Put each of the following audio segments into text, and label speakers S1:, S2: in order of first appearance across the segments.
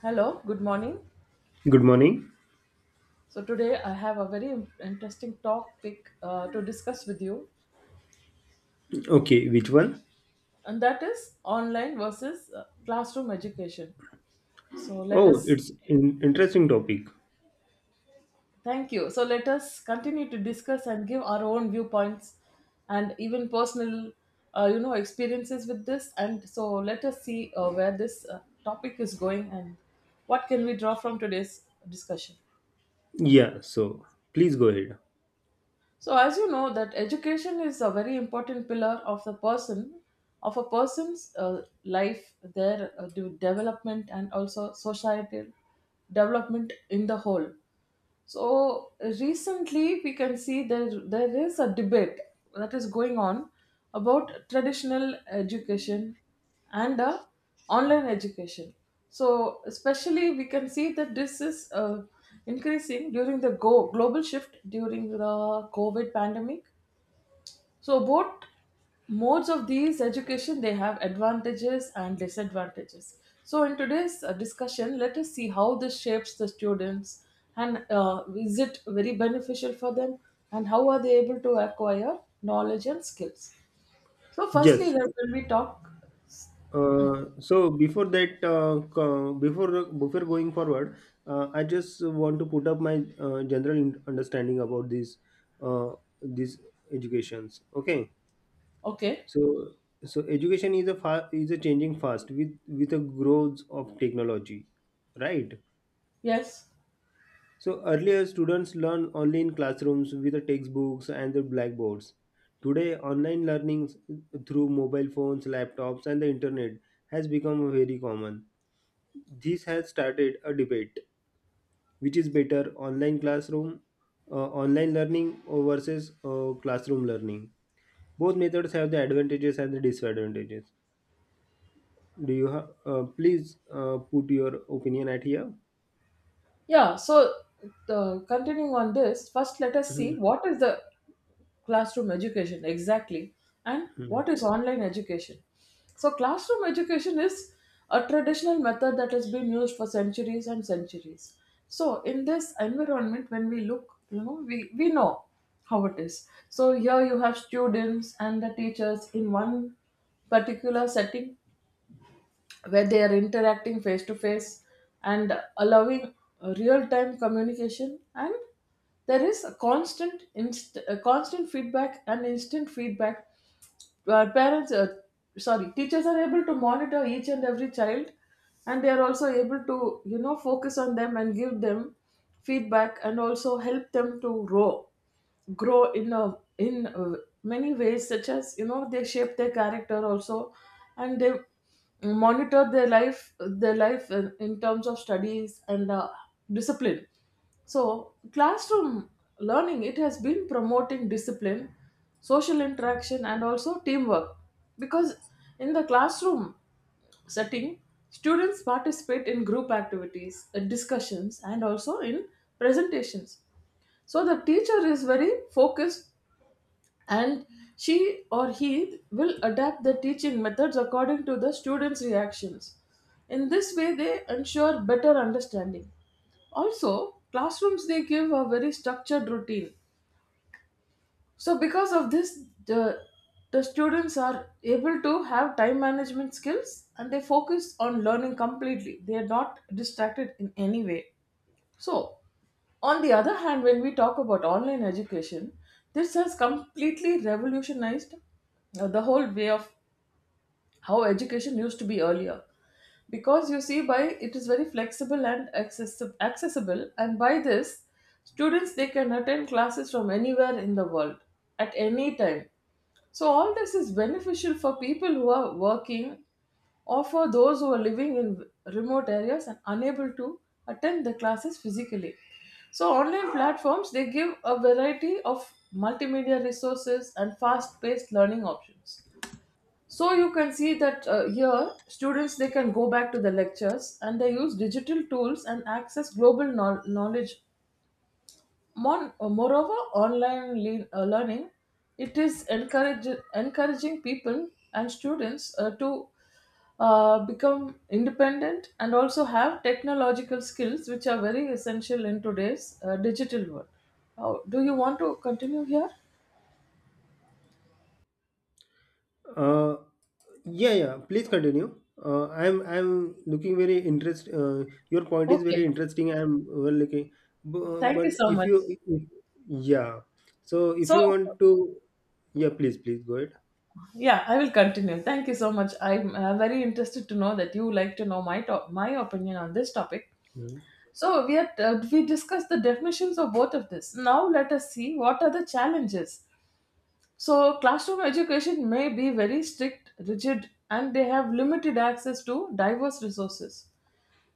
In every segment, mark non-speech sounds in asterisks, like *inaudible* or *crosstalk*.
S1: Hello, good morning.
S2: Good morning.
S1: So today I have a very interesting topic to discuss with you,
S2: Okay, which one?
S1: and that is online versus classroom education. So let
S2: Oh,
S1: us
S2: it's an interesting topic.
S1: Thank you. So let us continue to discuss and give our own viewpoints and even personal, experiences with this. And so let us see where this topic is going and what can we draw from today's discussion.
S2: Yeah, so please go ahead.
S1: So as you know that education is a very important pillar of a person's life, their development and also societal development in the whole. So recently, we can see there is a debate that is going on about traditional education and online education. So especially, we can see that this is increasing during the global shift during the COVID pandemic. So both modes of these education they have advantages and disadvantages. So in today's discussion, let us see how this shapes the students and is it very beneficial for them and how are they able to acquire knowledge and skills. So firstly,
S2: Yes.
S1: when we talk,
S2: So before that, before going forward, I just want to put up my general understanding about uh, these educations. Okay.
S1: okay,
S2: So so education is is a changing fast with a growth of technology, right?
S1: yes,
S2: So earlier students learn only in classrooms with the textbooks and the blackboards. Today online learning through mobile phones, laptops and the internet has become very common. This has started a debate which is better online classroom uh, online learning or versus classroom learning. Both methods have the advantages and the disadvantages. Please put your opinion at here?
S1: yeah. So, continuing on this, first let us see what is the classroom education exactly and
S2: Mhm.
S1: what is online education. So classroom education is a traditional method that has been used for centuries and centuries. So in this environment when we look, we know how it is. So here you have students and the teachers in one particular setting where they are interacting face to face and allowing real time communication, and there is a constant feedback and instant feedback. Parents, sorry, teachers are able to monitor each and every child, and they are also able to, focus on them and give them feedback and also help them to grow in many ways, such as, they shape their character also, and they monitor their life in terms of studies and discipline. So classroom learning, it has been promoting discipline, social interaction, and also teamwork, because in the classroom setting, students participate in group activities, discussions, and also in presentations. So the teacher is very focused, and she or he will adapt the teaching methods according to the students' reactions. In this way, they ensure better understanding. Also, classrooms, they give a very structured routine. So, because of this, the students are able to have time management skills and they focus on learning completely. They are not distracted in any way. So, on the other hand, when we talk about online education, this has completely revolutionized the whole way of how education used to be earlier, because you see by it is very flexible and accessible, and by this, students they can attend classes from anywhere in the world at any time. So all this is beneficial for people who are working, or for those who are living in remote areas and unable to attend the classes physically. So online platforms, they give a variety of multimedia resources and fast paced learning options. So you can see that here students, they can go back to the lectures and they use digital tools and access global knowledge. Moreover, online learning, it is encouraging people and students to become independent and also have technological skills, which are very essential in today's digital world. Do you want to continue here?
S2: Uh, yeah, yeah. Please continue. I'm looking very interest. Your point is very
S1: Okay.
S2: interesting. I'm well looking, Bu-
S1: Thank you
S2: but
S1: so
S2: if
S1: much.
S2: you, if, yeah. So if
S1: So,
S2: you want to, yeah, please go ahead.
S1: yeah, I will continue. Thank you so much. I'm very interested to know that you like to know my opinion on this topic. So we discussed the definitions of both of this. Now let us see what are the challenges. So classroom education may be very strict, rigid, and they have limited access to diverse resources.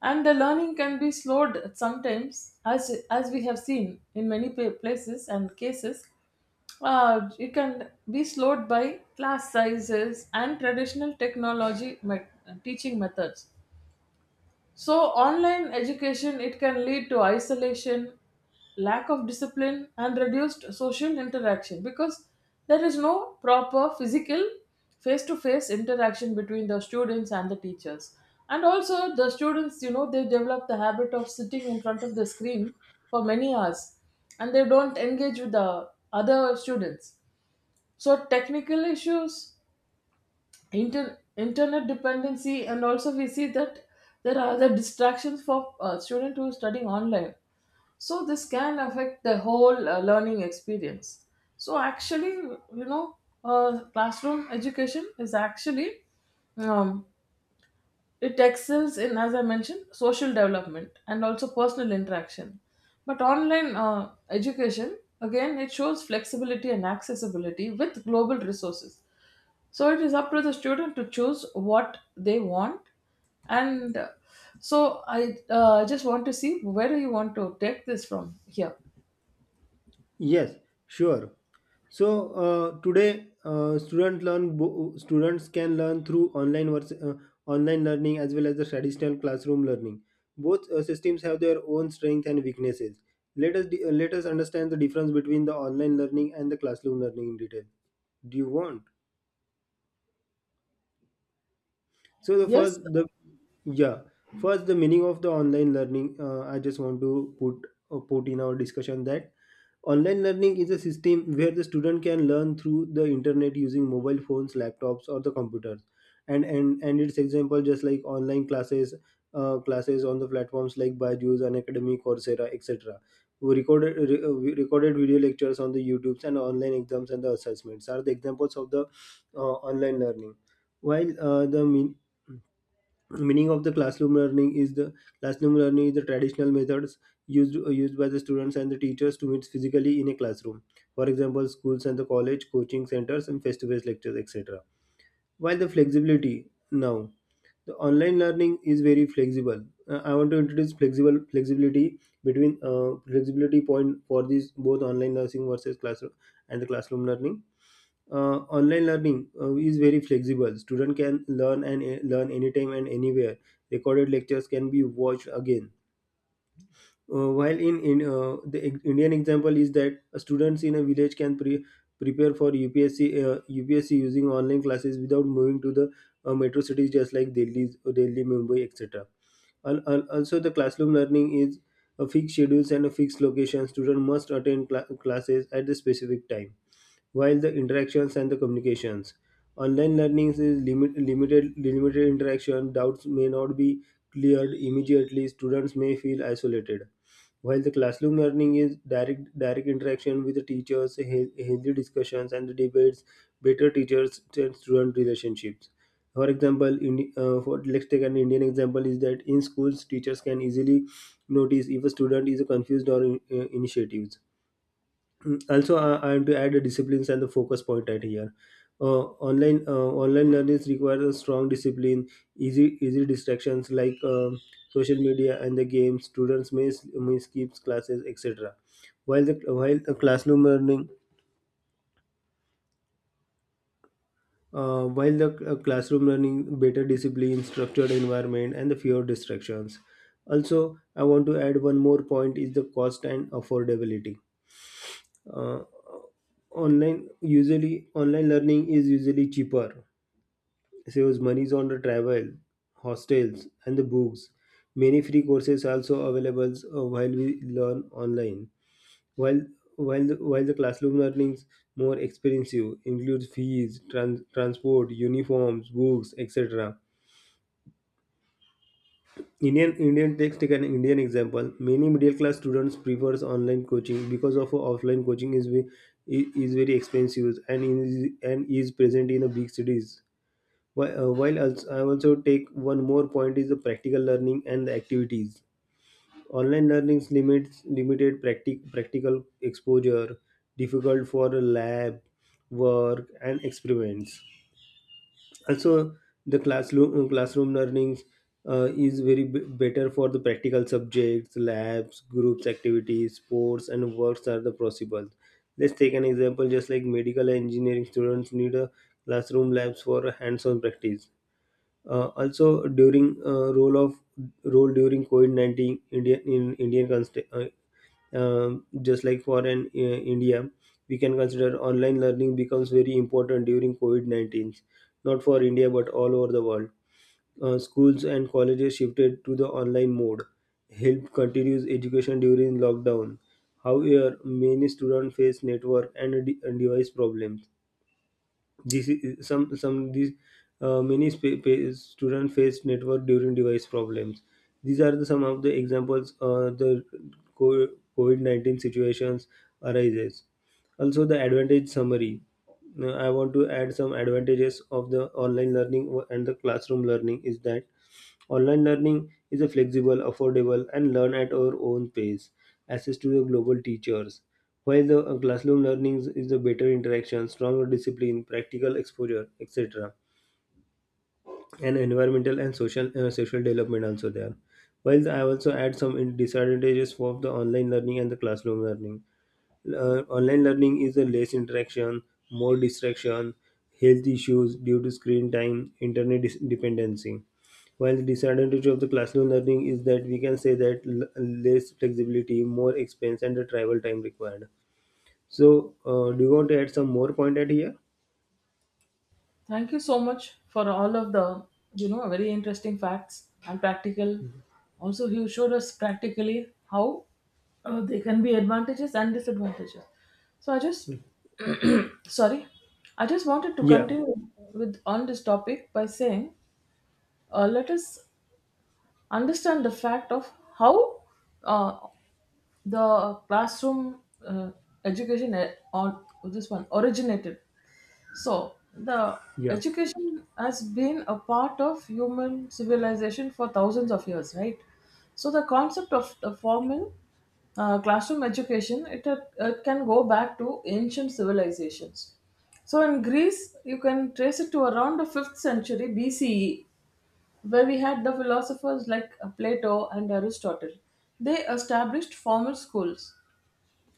S1: And the learning can be slowed sometimes, as we have seen in many places and cases. It can be slowed by class sizes and traditional technology teaching methods. So, online education, it can lead to isolation, lack of discipline, and reduced social interaction, because there is no proper physical face-to-face interaction between the students and the teachers. And also, the students, they develop the habit of sitting in front of the screen for many hours, and they don't engage with the other students. So technical issues, internet dependency, and also we see that there are other distractions for student who is studying online. So this can affect the whole learning experience. So actually, classroom education is actually, um, it excels in, as I mentioned, social development and also personal interaction. But online education, again, it shows flexibility and accessibility with global resources. So it is up to the student to choose what they want. And so I just want to see where do you want to take this from here.
S2: Yes, sure. So today, students can learn through online learning as well as the traditional classroom learning. Both systems have their own strengths and weaknesses. Let us understand the difference between the online learning and the classroom learning in detail. Do you want? So the
S1: Yes.
S2: first the yeah, first the meaning of the online learning. I just want to put in our discussion that online learning is a system where the student can learn through the internet using mobile phones, laptops, or the computers. And its example just like online classes, classes on the platforms like Byju's, Unacademy, Coursera, etc. We recorded video lectures on the YouTube's and online exams and the assessments are the examples of the online learning, while meaning of the classroom learning is the classroom learning is the traditional methods used by the students and the teachers to meet physically in a classroom, for example schools and the college coaching centers and face-to-face lectures etc, while the flexibility now the online learning is very flexible. I want to introduce flexible flexibility between flexibility point for these both online nursing versus classroom and the classroom learning. Online learning is very flexible, student can learn and learn anytime and anywhere, recorded lectures can be watched again. While in the ex- Indian example is that students in a village can prepare for upsc upsc using online classes without moving to the metro cities just like delhi, delhi mumbai etc. Also the classroom learning is a fixed schedules and a fixed location, student must attend classes at the specific time, while the interactions and the communications. Online learning is limited interaction. Doubts may not be cleared immediately. Students may feel isolated. While the classroom learning is direct interaction with the teachers, healthy discussions and the debates, better teachers and student relationships. For example, let's take an Indian example is that in schools, teachers can easily notice if a student is confused or in, initiative. Mm, also I am to add the disciplines and the focus point at here. uh, Online learning requires a strong discipline, easy distractions like social media and the games, students may skip classes etc, while the classroom learning, while the classroom learning better discipline structured environment and the fewer distractions. Also, I want to add one more point is the cost and affordability. Uh, online usually online learning is usually cheaper, saves monies on the travel, hostels and the books, many free courses are also available while we learn online, while while the classroom learnings more expensive includes fees, trans, transport, uniforms, books etc. Indian take an Indian example. Many middle class students prefers online coaching because of offline coaching is is very expensive and is present in the big cities. I also take one more point is the practical learning and the activities. Online learnings limits limited practical exposure, difficult for lab work and experiments. Also the classroom classroom learnings is very better for the practical subjects, labs, groups activities, sports and works are the possible. Let's take an example just like medical engineering students need a classroom labs for hands-on practice. Also, during role during COVID 19, India in Indian const- just like for an India, we can consider online learning becomes very important during COVID 19, not for India but all over the world. Schools and colleges shifted to the online mode. Help continues education during lockdown. However, many students face network and device problems. This is some these many sp- pa- Student face network during device problems. These are the some of the examples the covid-19 situations arises. Also the advantage summary. Now, I want to add some advantages of the online learning and the classroom learning is that online learning is a flexible, affordable and learn at our own pace, access to the global teachers, while the classroom learning is a better interaction, stronger discipline, practical exposure, etc., and environmental and social social development also there. While I also add some disadvantages for the online learning and the classroom learning. Online learning is a less interaction, more distraction, health issues due to screen time, internet dependency. While the disadvantage of the classroom learning is that we can say that less flexibility, more expense, and the travel time required. So, do you want to add some more point at here?
S1: Thank you so much for all of the, very interesting facts, and practical. Also, you showed us practically how there can be advantages and disadvantages. So sorry I just wanted to
S2: Yeah,
S1: continue with on this topic by saying, let us understand the fact of how uh, the classroom uh, education on this one originated. So the
S2: yeah,
S1: education has been a part of human civilization for thousands of years, right? So the concept of the formal classroom education, it, it can go back to ancient civilizations. So in Greece, you can trace it to around the fifth century BCE, where we had the philosophers like Plato and Aristotle. They established formal schools.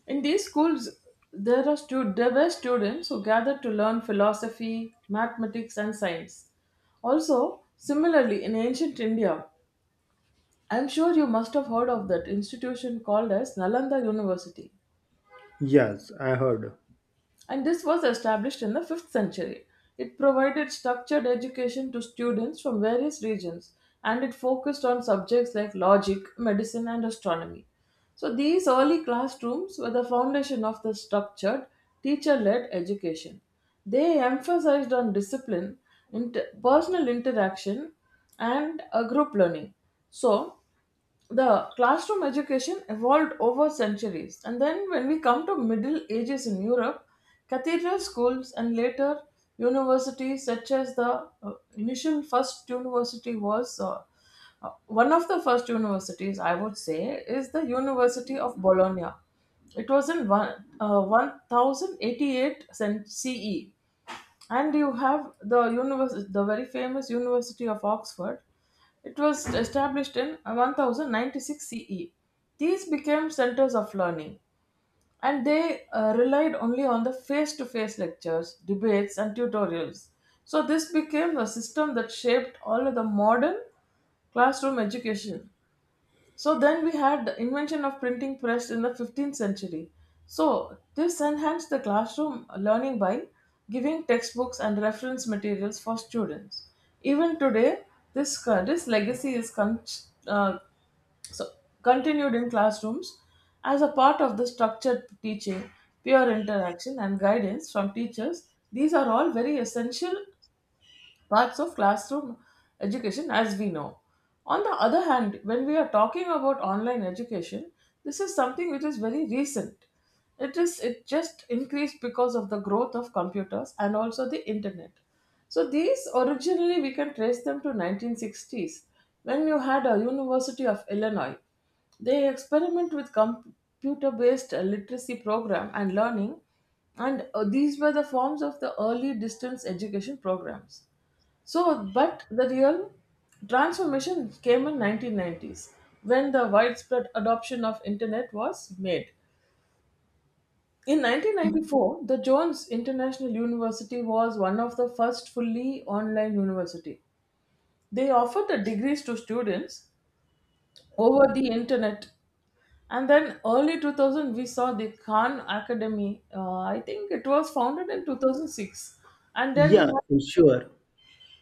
S1: In these schools, there were students who gathered to learn philosophy, mathematics, and science. Also, similarly, in ancient India, I'm sure you must have heard of that institution called as Nalanda University.
S2: yes, I heard.
S1: And this was established in the fifth century. It provided structured education to students from various regions, and it focused on subjects like logic, medicine, and astronomy. So, these early classrooms were the foundation of the structured, teacher led education. They emphasized on discipline, personal interaction, and a group learning. So, the classroom education evolved over centuries, and then when we come to middle ages in Europe, cathedral schools and later universities, such as the initial first university was, one of the first universities, I would say, is the University of Bologna. It was in 1088 CE. And you have the the very famous University of Oxford. It was established in 1096 CE. These became centers of learning, and they relied only on the face-to-face lectures, debates, and tutorials. So this became a system that shaped all of the modern classroom education. So then we had the invention of printing press in the 15th century. So this enhanced the classroom learning by giving textbooks and reference materials for students. Even today, this legacy is uh, so continued in classrooms as a part of the structured teaching, peer interaction, and guidance from teachers. These are all very essential parts of classroom education as we know. On the other hand, when we are talking about online education, this is something which is very recent. It just increased because of the growth of computers and also the internet. So these originally we can trace them to 1960s, when you had a University of Illinois. They experiment with computer-based literacy program and learning. And these were the forms of the early distance education programs. So, but the real transformation came in 1990s, when the widespread adoption of internet was made. In 1994, the Jones International University was one of the first fully online university. They offered the degrees to students over the internet. And then early 2000, we saw the Khan Academy. I think it was founded in 2006. And then you
S2: Yeah, sure.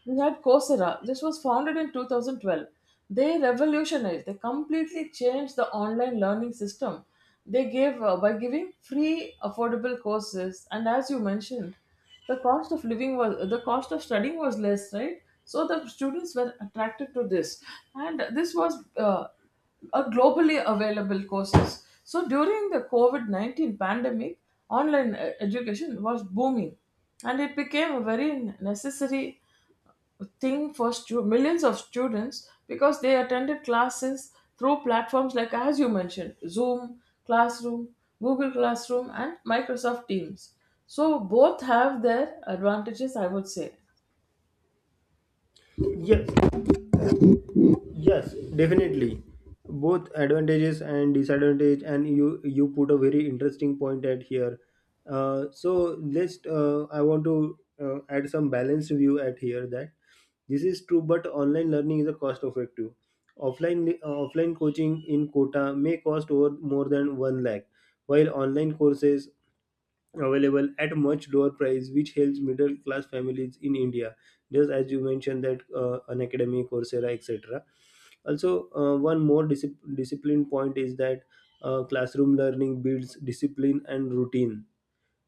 S1: We had Coursera. This was founded in 2012. They revolutionized, they completely changed the online learning system. They gave, by giving free, affordable courses, and as you mentioned, the cost of studying was less, right? So the students were attracted to this, and this was a globally available courses. So during the COVID-19 pandemic, online education was booming, and it became a very necessary thing for millions of students, because they attended classes through platforms like, as you mentioned, Zoom, Classroom, Google Classroom, and Microsoft Teams. So both have their advantages, I would say.
S2: Yes, yes, definitely. Both advantages and disadvantage, and you put a very interesting point at here. So let's. I want to add some balanced view at here that this is true, but online learning is a cost effective. Offline offline coaching in quota may cost over more than one lakh, while online courses available at much lower price which helps middle class families in india, just as you mentioned that an academy coursera etc. Also, one more discipline point is that classroom learning builds discipline and routine.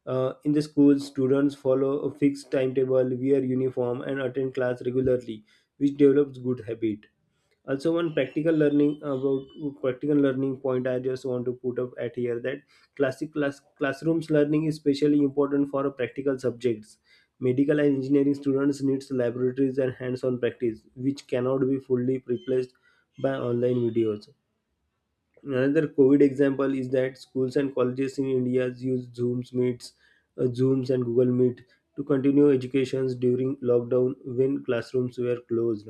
S2: In the schools students follow a fixed timetable, wear uniform and attend class regularly, which develops good habit. Also, one practical learning about practical learning point I just want to put up at here that classrooms learning is especially important for practical subjects. Medical and engineering students needs laboratories and hands-on practice which cannot be fully replaced by online videos. Another covid example is that schools and colleges in india use zooms meets, zooms and google meet to continue educations during lockdown when classrooms were closed.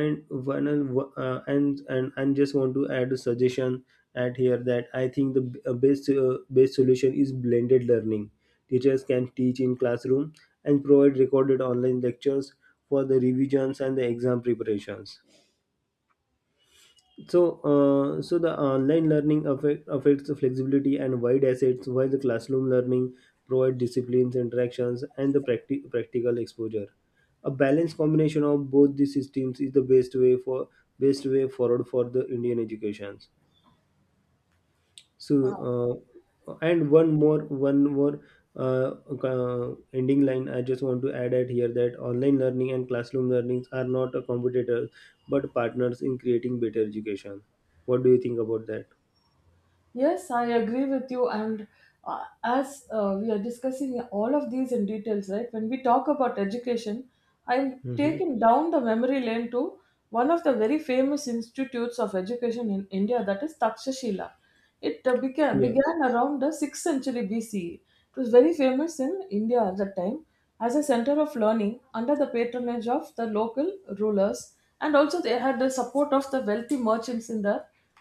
S2: And one uh, and and and just want to add a suggestion at here that I think the best solution is blended learning. Teachers can teach in classroom and provide recorded online lectures for the revisions and the exam preparations. So, so the online learning affects the flexibility and wide assets, while the classroom learning provide disciplines, interactions, and the practical exposure. A balanced combination of both the systems is the best way for best way forward for the Indian educations. So, one more uh, ending line I just want to add at here that online learning and classroom learnings are not a competitor but partners in creating better education. What do you think about that?
S1: Yes, I agree with you. And as we are discussing all of these in details, right? When we talk about education, I'm
S2: Mm-hmm.
S1: taking down the memory lane to one of the very famous institutes of education in India, that is Takshashila. It uh, began
S2: Yes.
S1: began around the sixth century BCE. It was very famous in India at that time as a center of learning under the patronage of the local rulers, and also they had the support of the wealthy merchants in the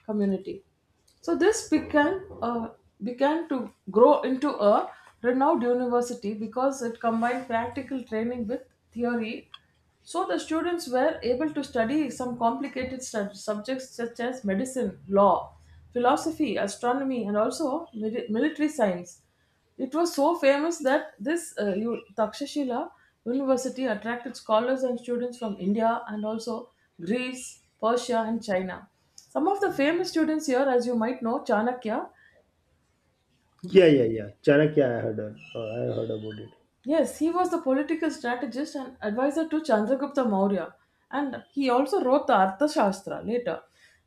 S1: community. So this began to grow into a renowned university because it combined practical training with theory. So the students were able to study some complicated subjects such as medicine, law, philosophy, astronomy, and also military science. It was so famous that this Takshashila University attracted scholars and students from India and also Greece, Persia, and China. Some of the famous students here, as you might know, Chanakya.
S2: Yeah, yeah, yeah. Chanakya, I heard about it.
S1: Yes, he was the political strategist and advisor to Chandragupta Maurya, and he also wrote the Arthashastra later.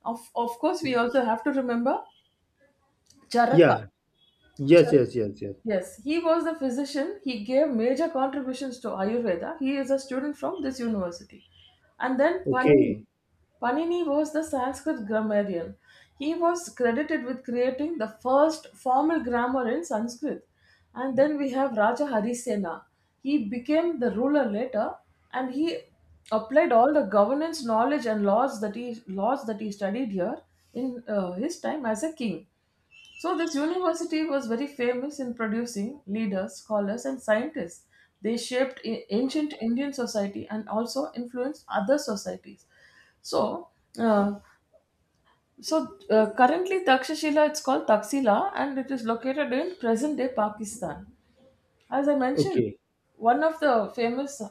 S1: Of course, we also have to remember Charaka.
S2: Yeah. Yes, yes, yes, yes.
S1: Yes, he was the physician. He gave major contributions to Ayurveda. He is a student from this university. And then Panini.
S2: Okay.
S1: Panini was the Sanskrit grammarian. He was credited with creating the first formal grammar in Sanskrit. And then we have Raja Harisena. He became the ruler later and he applied all the governance knowledge and laws that he studied here in his time as a king. So, this university was very famous in producing leaders, scholars, and scientists. They shaped ancient Indian society and also influenced other societies. So, uh, so, currently Takshashila, it's called Taxila, and it is located in present-day Pakistan. As I mentioned,
S2: Okay.
S1: one of the famous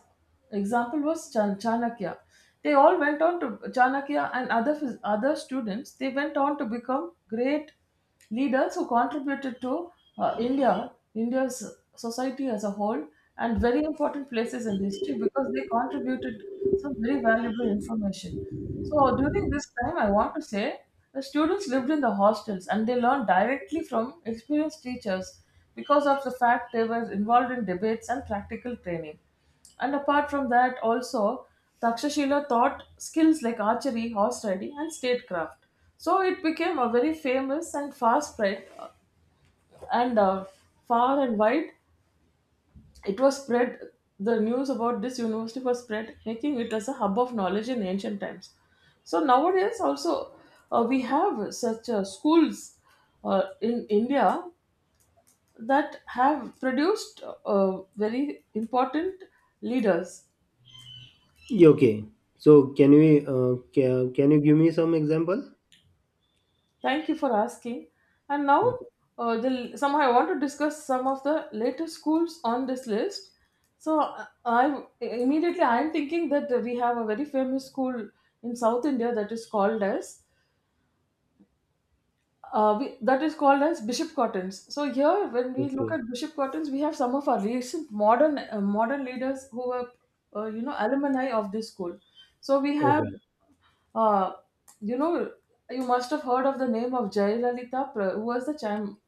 S1: example was Chanakya. They all went on to Chanakya and other other students. They went on to become great leaders who contributed to India's society as a whole, and very important places in history because they contributed some very valuable information. So during this time, I want to say the students lived in the hostels and they learned directly from experienced teachers because of the fact they were involved in debates and practical training. And apart from that, also Takshashila taught skills like archery, horse riding, and statecraft. So it became a very famous and fast spread and far and wide it was spread, the news about this university was spread, making it as a hub of knowledge in ancient times. So nowadays also we have such schools in India that have produced very important leaders.
S2: Yeah, okay. So, can you give me some example?
S1: Thank you for asking. And now,
S2: Mm.
S1: somehow I want to discuss some of the latest schools on this list. So immediately I am thinking that we have a very famous school in South India that is called as that is called as Bishop Cottons. So here, when we look
S2: Okay.
S1: at Bishop Cottons, we have some of our recent modern leaders who were, alumni of this school. So we have,
S2: Okay.
S1: uh, you know, you must have heard of the name of Jayalalitha, who was the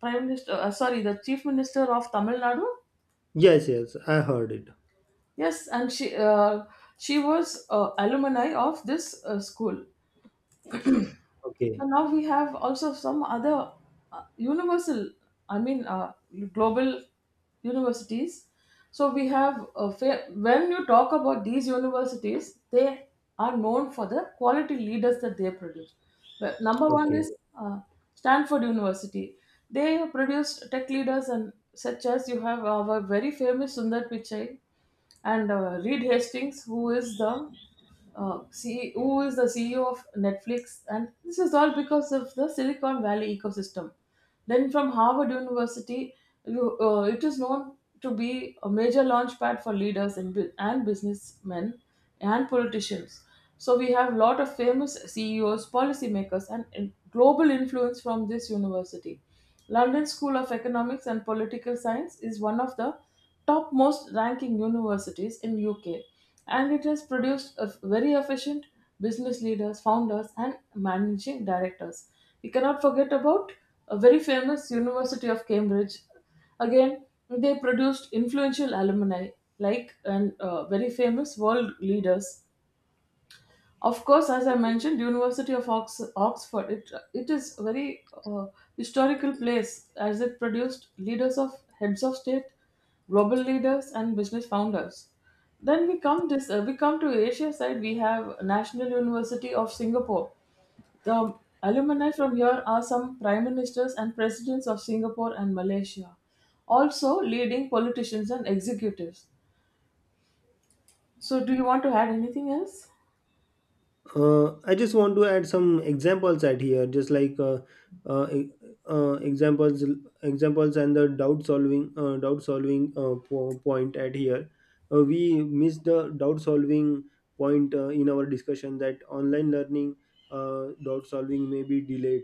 S1: prime minister. Sorry, the chief minister of Tamil Nadu.
S2: Yes, yes, I heard it.
S1: Yes, and she was alumni of this school. So
S2: Okay,
S1: now we have also some other uh, universal, I mean, uh, global universities. So we have, when you talk about these universities, they are known for the quality leaders that they produce. But number one
S2: okay.
S1: is uh, Stanford University. They produced tech leaders and such as you have our very famous Sundar Pichai and Reed Hastings, who is the who is the CEO of Netflix, and this is all because of the Silicon Valley ecosystem. Then from Harvard University, it is known to be a major launchpad for leaders and businessmen and politicians. So we have a lot of famous CEOs, policymakers, and global influence from this university. London School of Economics and Political Science is one of the topmost ranking universities in UK and it has produced a very efficient business leaders, founders and managing directors. We cannot forget about a very famous University of Cambridge. Again, they produced influential alumni like and very famous world leaders. Of course, as I mentioned, University of Oxford. It is a very historical place as it produced leaders of heads of state, global leaders, and business founders. Then we come to Asia side. We have National University of Singapore. The alumni from here are some prime ministers and presidents of Singapore and Malaysia, also leading politicians and executives. So, do you want to add anything else?
S2: I just want to add some examples at here, just like uh, e- uh, examples, examples, and the doubt solving point at here. We missed the doubt solving point in our discussion that online learning doubt solving may be delayed.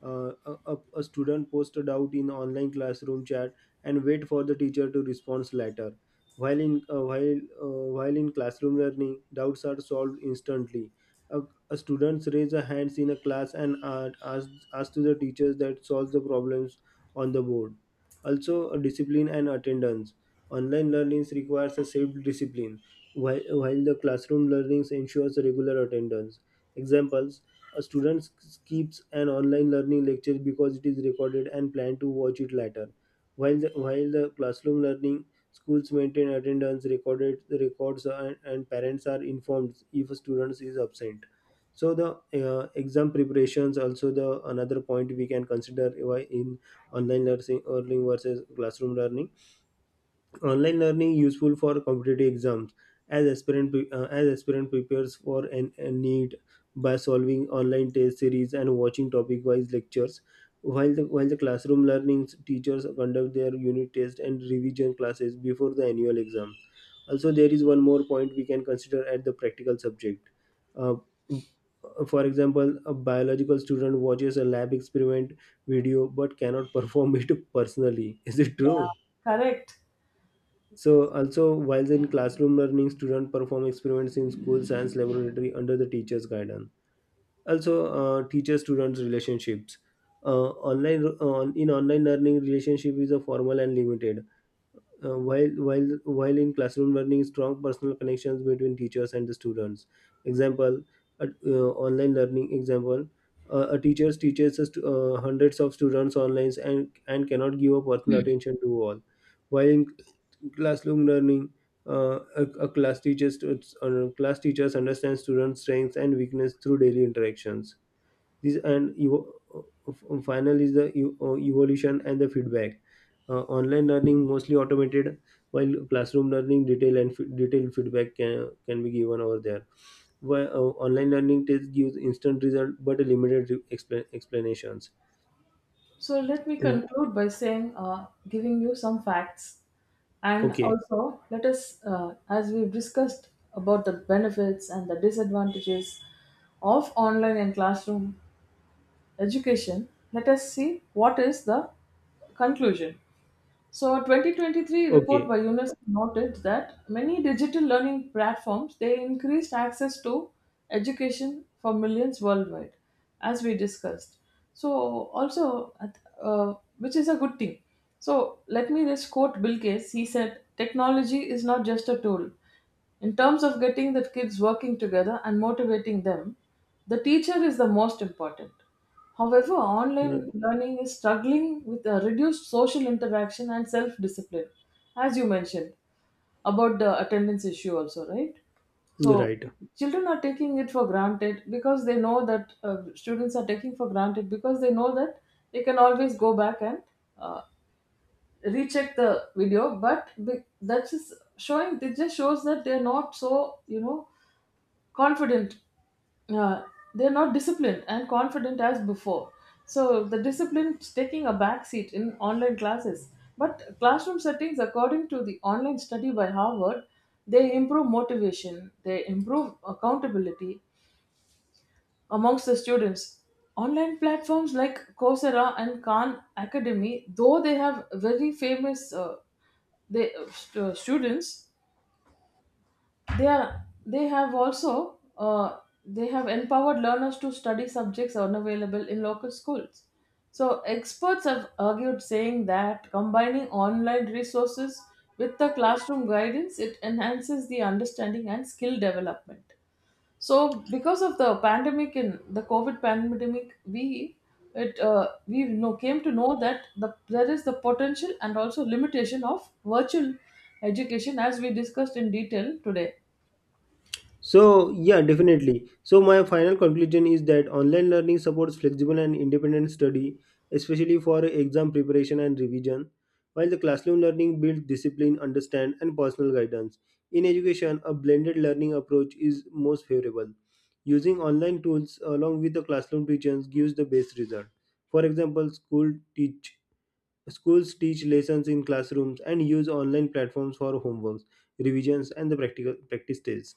S2: A student posts a doubt in online classroom chat and wait for the teacher to respond later. While in classroom learning, doubts are solved instantly. A, a students raise a hands in a class and ask to the teachers that solves the problems on the board. Also, discipline and attendance. Online learnings requires a self discipline, while the classroom learnings ensures regular attendance. Examples, a student skips an online learning lecture because it is recorded and plan to watch it later. While the classroom learning, schools maintain attendance, recorded the records, and parents are informed if a student is absent. So the exam preparations also the another point we can consider why in online learning learning versus classroom learning, online learning useful for competitive exams as as aspirant prepares for an a need by solving online test series and watching topic wise lectures, while the classroom learnings teachers conduct their unit test and revision classes before the annual exam. Also there is one more point we can consider at the practical subject. uh, for example, a biological student watches a lab experiment video but cannot *laughs* perform it personally, is it
S1: Yeah,
S2: true?
S1: correct.
S2: So also while in classroom learning, students perform experiments in school science laboratory under the teacher's guidance. Also, teacher-student relationships. In online learning, relationship is a formal and limited. While in classroom learning strong personal connections between teachers and the students. Example at, online learning example, a teacher teaches us to, hundreds of students online and cannot give a personal attention to all, while in classroom learning a class teachers understand students strengths and weakness through daily interactions. this and evo- Final is the evolution and the feedback. Uh, online learning mostly automated, while classroom learning detail and detailed feedback can be given over there. Why online learning test gives instant result but limited explanations.
S1: So let me
S2: Mm,
S1: conclude by saying, giving you some facts, and
S2: okay,
S1: also let us, as we've discussed about the benefits and the disadvantages of online and classroom education, let us see what is the conclusion. So, a 2023 report
S2: okay.
S1: by UNESCO noted that many digital learning platforms they increased access to education for millions worldwide, as we discussed. So, also, which is a good thing. So, let me just quote Bill Gates. He said, "Technology is not just a tool; in terms of getting the kids working together and motivating them, the teacher is the most important. However, online
S2: Mm,
S1: learning is struggling with a reduced social interaction and self discipline, as you mentioned about the attendance issue, also, right? So,
S2: right.
S1: children are taking it for granted because they know that students are taking for granted because they know that they can always go back and uh, recheck the video but that's just showing it just shows that they're not so you know confident, uh, they're not disciplined and confident as before. So the discipline's taking a back seat in online classes, but classroom settings, according to the online study by Harvard, they improve motivation, they improve accountability amongst the students. Online platforms like Coursera and Khan Academy, though they have very students, they have also they have empowered learners to study subjects unavailable in local schools. So experts have argued, saying that combining online resources with the classroom guidance it enhances the understanding and skill development. So because of the pandemic and the COVID pandemic, we know, came to know that there is the potential and also limitation of virtual education as we discussed in detail today.
S2: So, yeah, definitely. So, my final conclusion is that online learning supports flexible and independent study, especially for exam preparation and revision, while the classroom learning builds discipline, understand, and personal guidance. In education, a blended learning approach is most favorable. Using online tools along with the classroom teachings gives the best result. For example, schools teach lessons in classrooms and use online platforms for homeworks, revisions, and the practical practice tests.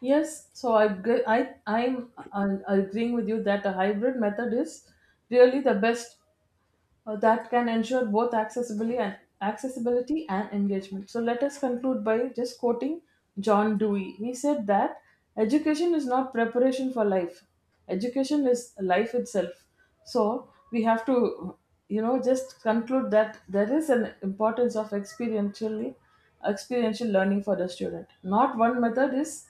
S1: Yes, so I gr- I I'm agreeing with you that a hybrid method is really the best, that can ensure both accessibility and engagement. So let us conclude by just quoting John Dewey. He said that education is not preparation for life. Education is life itself. So we have to you know just conclude that there is an importance of experiential learning for the student. Not one method is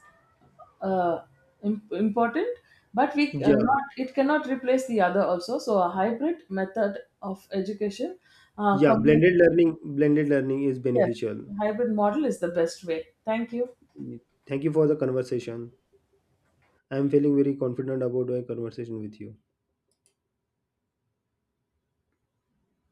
S1: uh, important, but we
S2: Yeah,
S1: cannot it cannot replace the other also. So a hybrid method of education uh, combine-
S2: Blended learning is
S1: yes,
S2: beneficial.
S1: hybrid model is the best way. Thank you.
S2: Thank you for the conversation. I am feeling very confident about my conversation with you.